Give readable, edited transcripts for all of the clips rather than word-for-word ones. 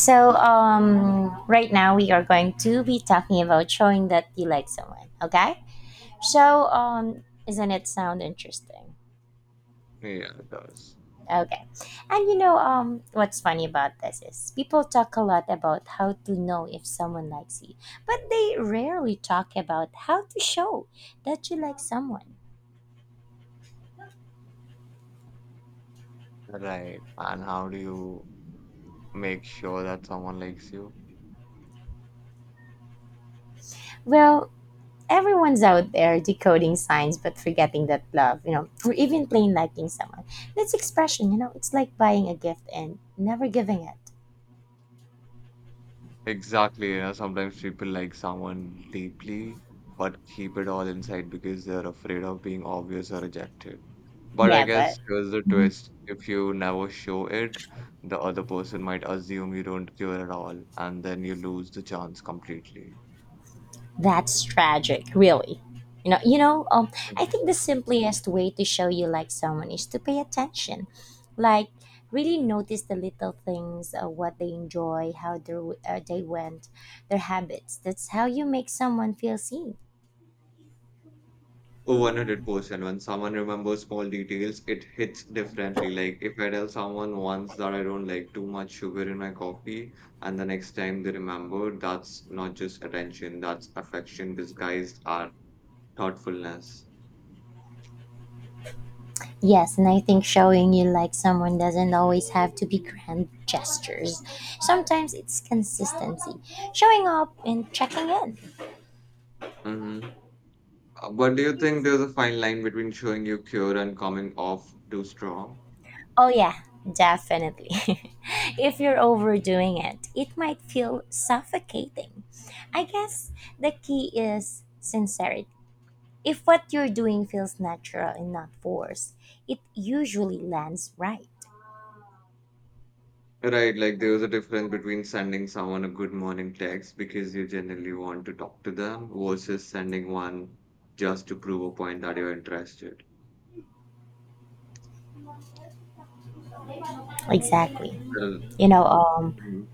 Right now we are going to be talking about showing that you like someone, okay? Isn't it sound interesting? Yeah, it does. Okay. What's funny about this is people talk a lot about how to know if someone likes you, but they rarely talk about how to show that you like someone. Right. And how do you make sure that someone likes you? Well, everyone's out there decoding signs but forgetting that love, or even plain liking someone. That's expression, it's like buying a gift and never giving it. Exactly. You know, sometimes people like someone deeply, but keep it all inside because they're afraid of being obvious or rejected. But I Yeah, but guess here's the twist. If you never show it, the other person might assume you don't care at all, and then you lose the chance completely. that's tragic, really. You know, you know. Um, I think the simplest way to show you like someone is to pay attention, like really notice the little things, what they enjoy, how their day went, their habits. That's how you make someone feel seen. Oh, 100%. When someone remembers small details, it hits differently. Like if I tell someone once that I don't like too much sugar in my coffee, and the next time they remember, that's not just attention, that's affection disguised as thoughtfulness. Yes, and I think showing you like someone doesn't always have to be grand gestures. Sometimes it's consistency, showing up and checking in. Mm-hmm. But do you think there's a fine line between showing your cure and coming off too strong? Oh, yeah, definitely. If you're overdoing it, it might feel suffocating. I guess the key is sincerity. If what you're doing feels natural and not forced, it usually lands right. Right, like there was a difference between sending someone a good morning text because you generally want to talk to them versus sending one just to prove a point that you're interested. Exactly. Well, You know, um, mhm.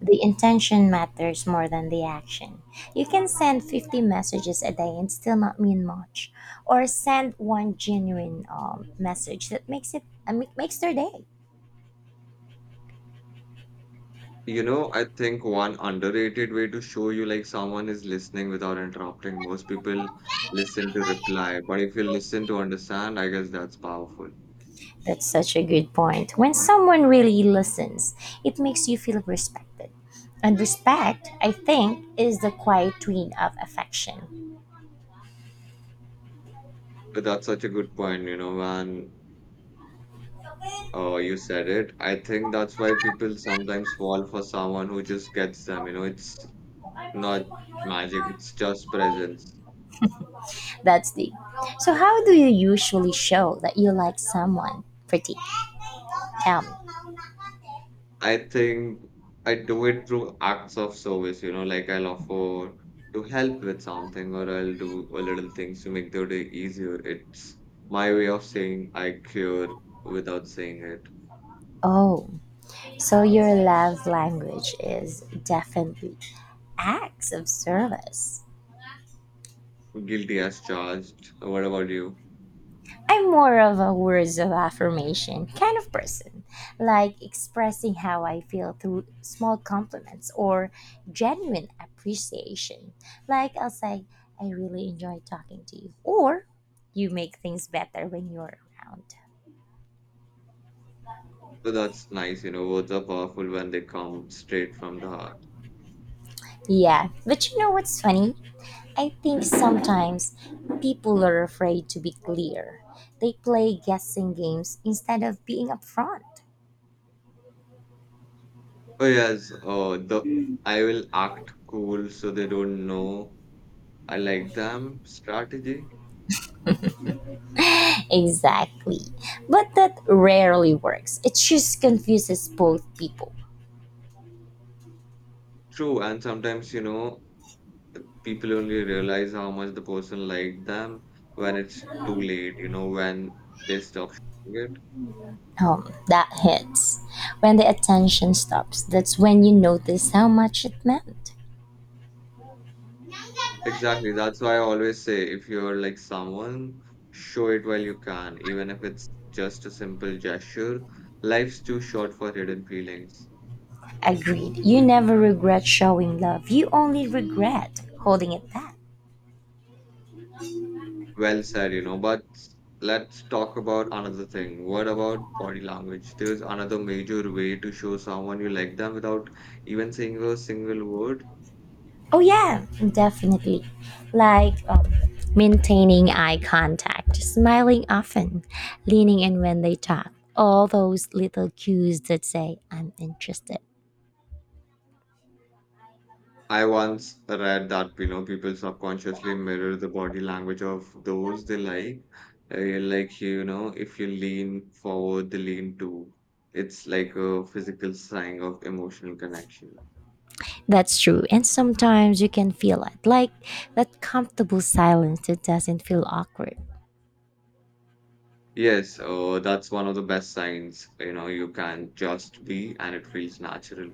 the intention matters more than the action. You can send 50 messages a day and still not mean much, or send one genuine message that makes their day. You know, I think one underrated way to show you like someone is listening without interrupting. Most people listen to reply, but if you listen to understand, I guess that's powerful. That's such a good point. When someone really listens, it makes you feel respected. And respect, I think, is the quiet twin of affection. But that's such a good point, you know, when you said it. I think that's why people sometimes fall for someone who just gets them. You know, it's not magic, it's just presence. That's deep. So, how do you usually show that you like someone pretty? Tell me. I think I do it through acts of service, you know, like I'll offer to help with something or I'll do a little things to make their day easier. It's my way of saying I care without saying it. Oh, so your love language is definitely acts of service. Guilty as charged. What about you? I'm more of a words of affirmation kind of person, like expressing how I feel through small compliments or genuine appreciation. Like I'll say, I really enjoy talking to you, or you make things better when you're around. So that's nice, you know, words are powerful when they come straight from the heart. Yeah, but you know what's funny? I think sometimes people are afraid to be clear. They play guessing games instead of being upfront. Oh yes, the I will act cool so they don't know I like them strategy. Exactly. But that rarely works. It just confuses both people. True, and sometimes, you know, people only realize how much the person liked them when it's too late, you know, when they stop showing it. That hits. When the attention stops, that's when you notice how much it meant. Exactly, that's why I always say if you're like someone, show it while you can, even if it's just a simple gesture. Life's too short for hidden feelings. Agreed. You never regret showing love, you only regret holding it back. Well said, you know, but let's talk about another thing. What about body language? There's another major way to show someone you like them without even saying a single word. Oh, yeah, definitely. Like maintaining eye contact, smiling often, leaning in when they talk. All those little cues that say, I'm interested. I once read that you know people subconsciously mirror the body language of those they like. Like you know, if you lean forward, they lean too. It's like a physical sign of emotional connection. That's true. And sometimes you can feel it, like that comfortable silence that doesn't feel awkward. Yes, that's one of the best signs. You know, you can just be, and it feels natural.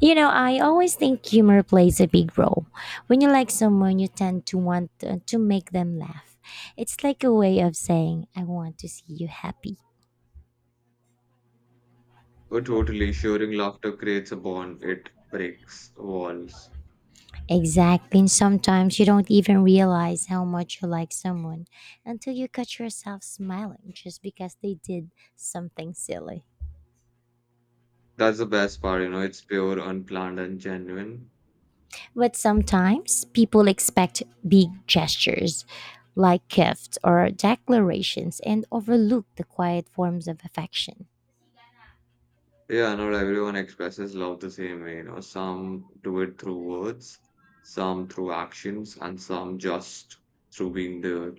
You know, I always think humor plays a big role. When you like someone, you tend to want to make them laugh. It's like a way of saying, I want to see you happy. Oh, totally. Sharing laughter creates a bond. It breaks walls. Exactly. And sometimes you don't even realize how much you like someone until you catch yourself smiling just because they did something silly. That's the best part. You know, it's pure, unplanned, and genuine. But sometimes people expect big gestures like gifts or declarations and overlook the quiet forms of affection. Yeah, not everyone expresses love the same way, you know. Some do it through words, some through actions, and some just through being there.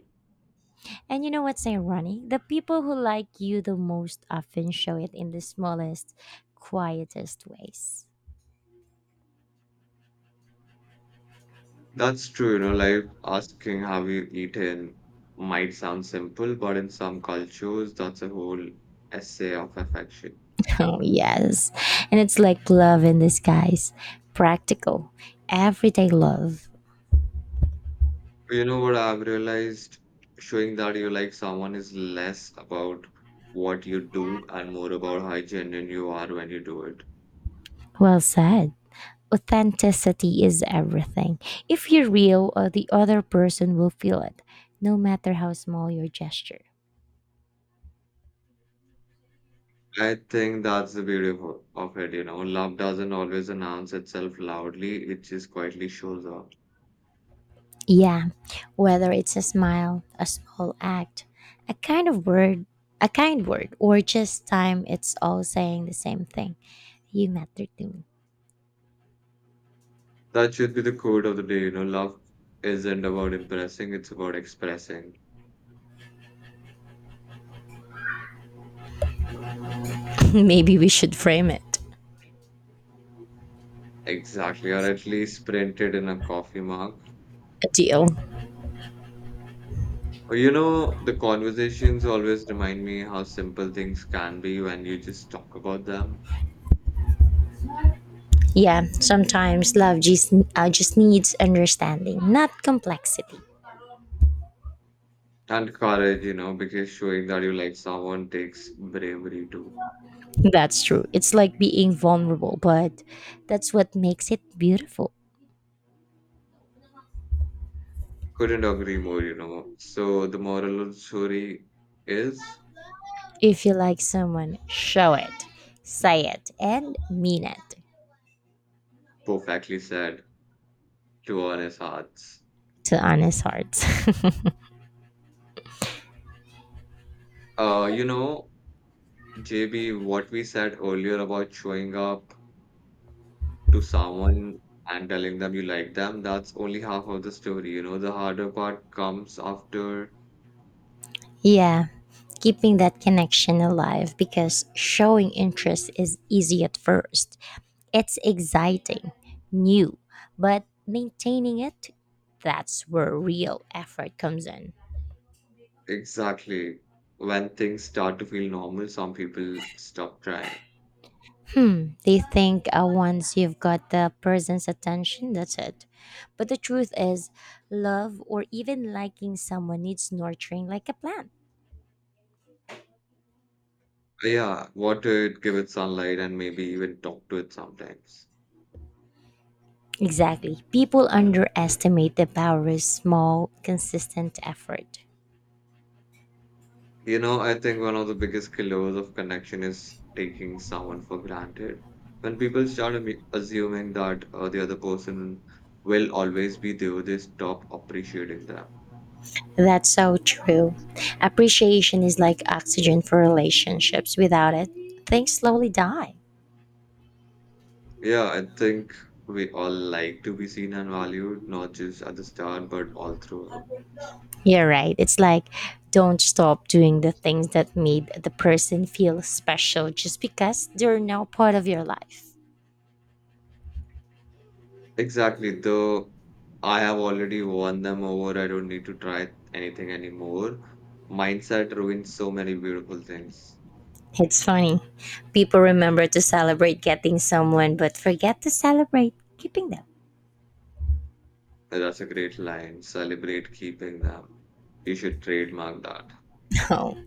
And you know what's ironic? The people who like you the most often show it in the smallest, quietest ways. That's true, you know, like asking have you eaten might sound simple, but in some cultures, that's a whole essay of affection. Oh, yes. And it's like love in disguise, practical, everyday love. You know what I've realized? Showing that you like someone is less about what you do and more about how genuine you are when you do it. Well said. Authenticity is everything. If you're real, the other person will feel it, no matter how small your gesture. I think that's the beauty of it, you know. Love doesn't always announce itself loudly, it just quietly shows up. Yeah, whether it's a smile, a small act, a kind of word, a kind word, or just time, it's all saying the same thing. You matter to me. That should be the quote of the day, you know. Love isn't about impressing, it's about expressing. Maybe we should frame it. Exactly, or at least printed in a coffee mug. A deal. Or, you know, the conversations always remind me how simple things can be when you just talk about them. Yeah, sometimes love just needs understanding, not complexity. And courage, you know, because showing that you like someone takes bravery too. That's true. It's like being vulnerable, but that's what makes it beautiful. Couldn't agree more, you know. So the moral of the story is If you like someone, show it, say it, and mean it perfectly said to honest hearts. to honest hearts. You know, JB, what we said earlier about showing up to someone and telling them you like them, that's only half of the story. You know, the harder part comes after. Yeah, keeping that connection alive because showing interest is easy at first. It's exciting, new, but maintaining it, that's where real effort comes in. Exactly, when things start to feel normal, some people stop trying. Hmm, they think once you've got the person's attention, that's it. But the truth is, love or even liking someone needs nurturing like a plant. Yeah, water it, give it sunlight, and maybe even talk to it sometimes. Exactly. People underestimate the power of small, consistent effort. You know, I think one of the biggest killers of connection is taking someone for granted. When people start assuming that the other person will always be there, they stop appreciating them. That's so true. Appreciation is like oxygen for relationships. Without it, things slowly die. Yeah, I think we all like to be seen and valued, not just at the start, but all throughout. You're right. It's like don't stop doing the things that made the person feel special just because they're now part of your life. Exactly. Though I have already won them over, I don't need to try anything anymore. Mindset ruins so many beautiful things. It's funny. People remember to celebrate getting someone but forget to celebrate keeping them. That's a great line. Celebrate keeping them. You should trademark that. Oh,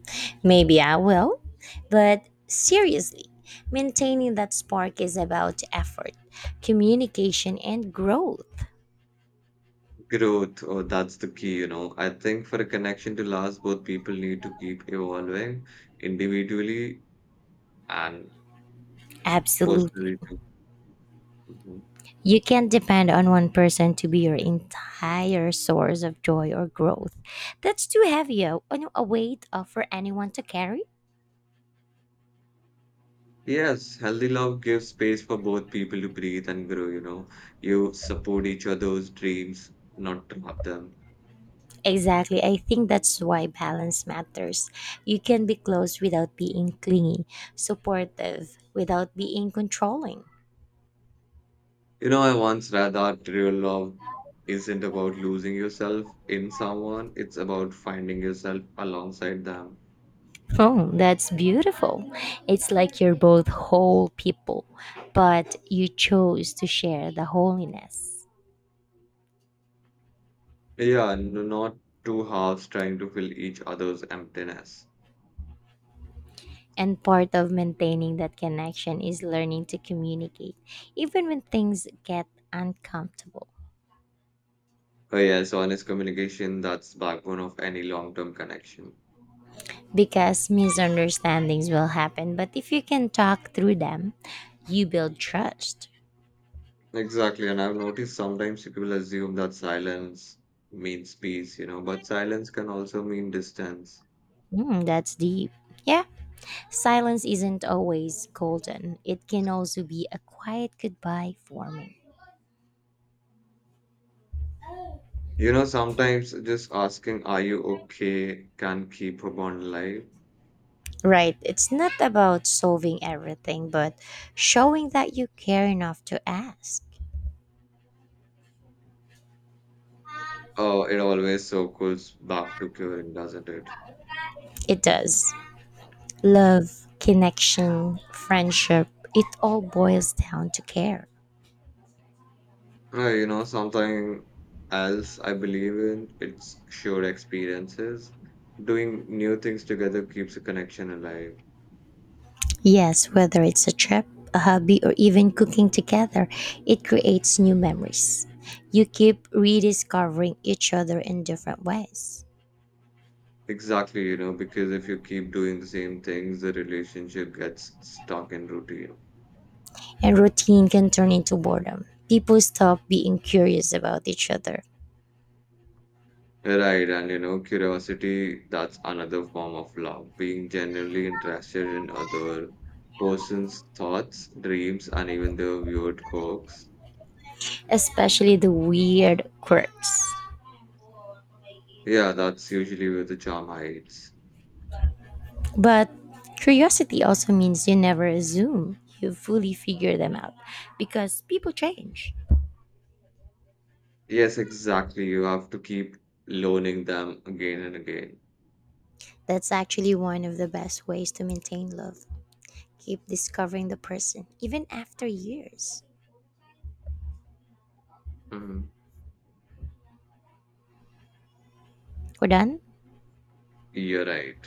maybe I will. But seriously, maintaining that spark is about effort, communication, and growth. Growth, oh, that's the key, you know. I think for a connection to last, both people need to keep evolving individually and Absolutely. personally too. Mhm. You can't depend on one person to be your entire source of joy or growth. That's too heavy a weight for anyone to carry. Yes, healthy love gives space for both people to breathe and grow, you know. You support each other's dreams, not trap them. Exactly. I think that's why balance matters. You can be close without being clingy, supportive without being controlling. You know, I once read that real love isn't about losing yourself in someone, it's about finding yourself alongside them. Oh, that's beautiful. It's like you're both whole people, but you chose to share the holiness. Yeah, not two halves trying to fill each other's emptiness. And part of maintaining that connection is learning to communicate, even when things get uncomfortable. Oh, yes, honest communication, that's backbone of any long-term connection. Because misunderstandings will happen, but if you can talk through them, you build trust. Exactly, and I've noticed sometimes people assume that silence means peace, you know, but silence can also mean distance. Mm, that's deep. Yeah. Silence isn't always golden, it can also be a quiet goodbye forming. You know, sometimes just asking, are you okay, can keep a bond alive. Right, it's not about solving everything, but showing that you care enough to ask. Oh, it always circles back to curing, doesn't it? It does. Love, connection, friendship, it all boils down to care. You know, something else I believe in, it's shared experiences. Doing new things together keeps a connection alive. Yes, whether it's a trip, a hobby, or even cooking together, it creates new memories. You keep rediscovering each other in different ways. Exactly, you know, because if you keep doing the same things, the relationship gets stuck in routine. And routine can turn into boredom. People stop being curious about each other, Right, and you know, curiosity, that's another form of love. Being genuinely interested in other person's thoughts, dreams, and even their weird quirks. especially the weird quirks. Yeah, that's usually where the charm hides. But curiosity also means you never assume you fully figure them out because people change. Yes, exactly. You have to keep loaning them again and again. That's actually one of the best ways to maintain love. Keep discovering the person even after years. Hmm. We're done? You're right.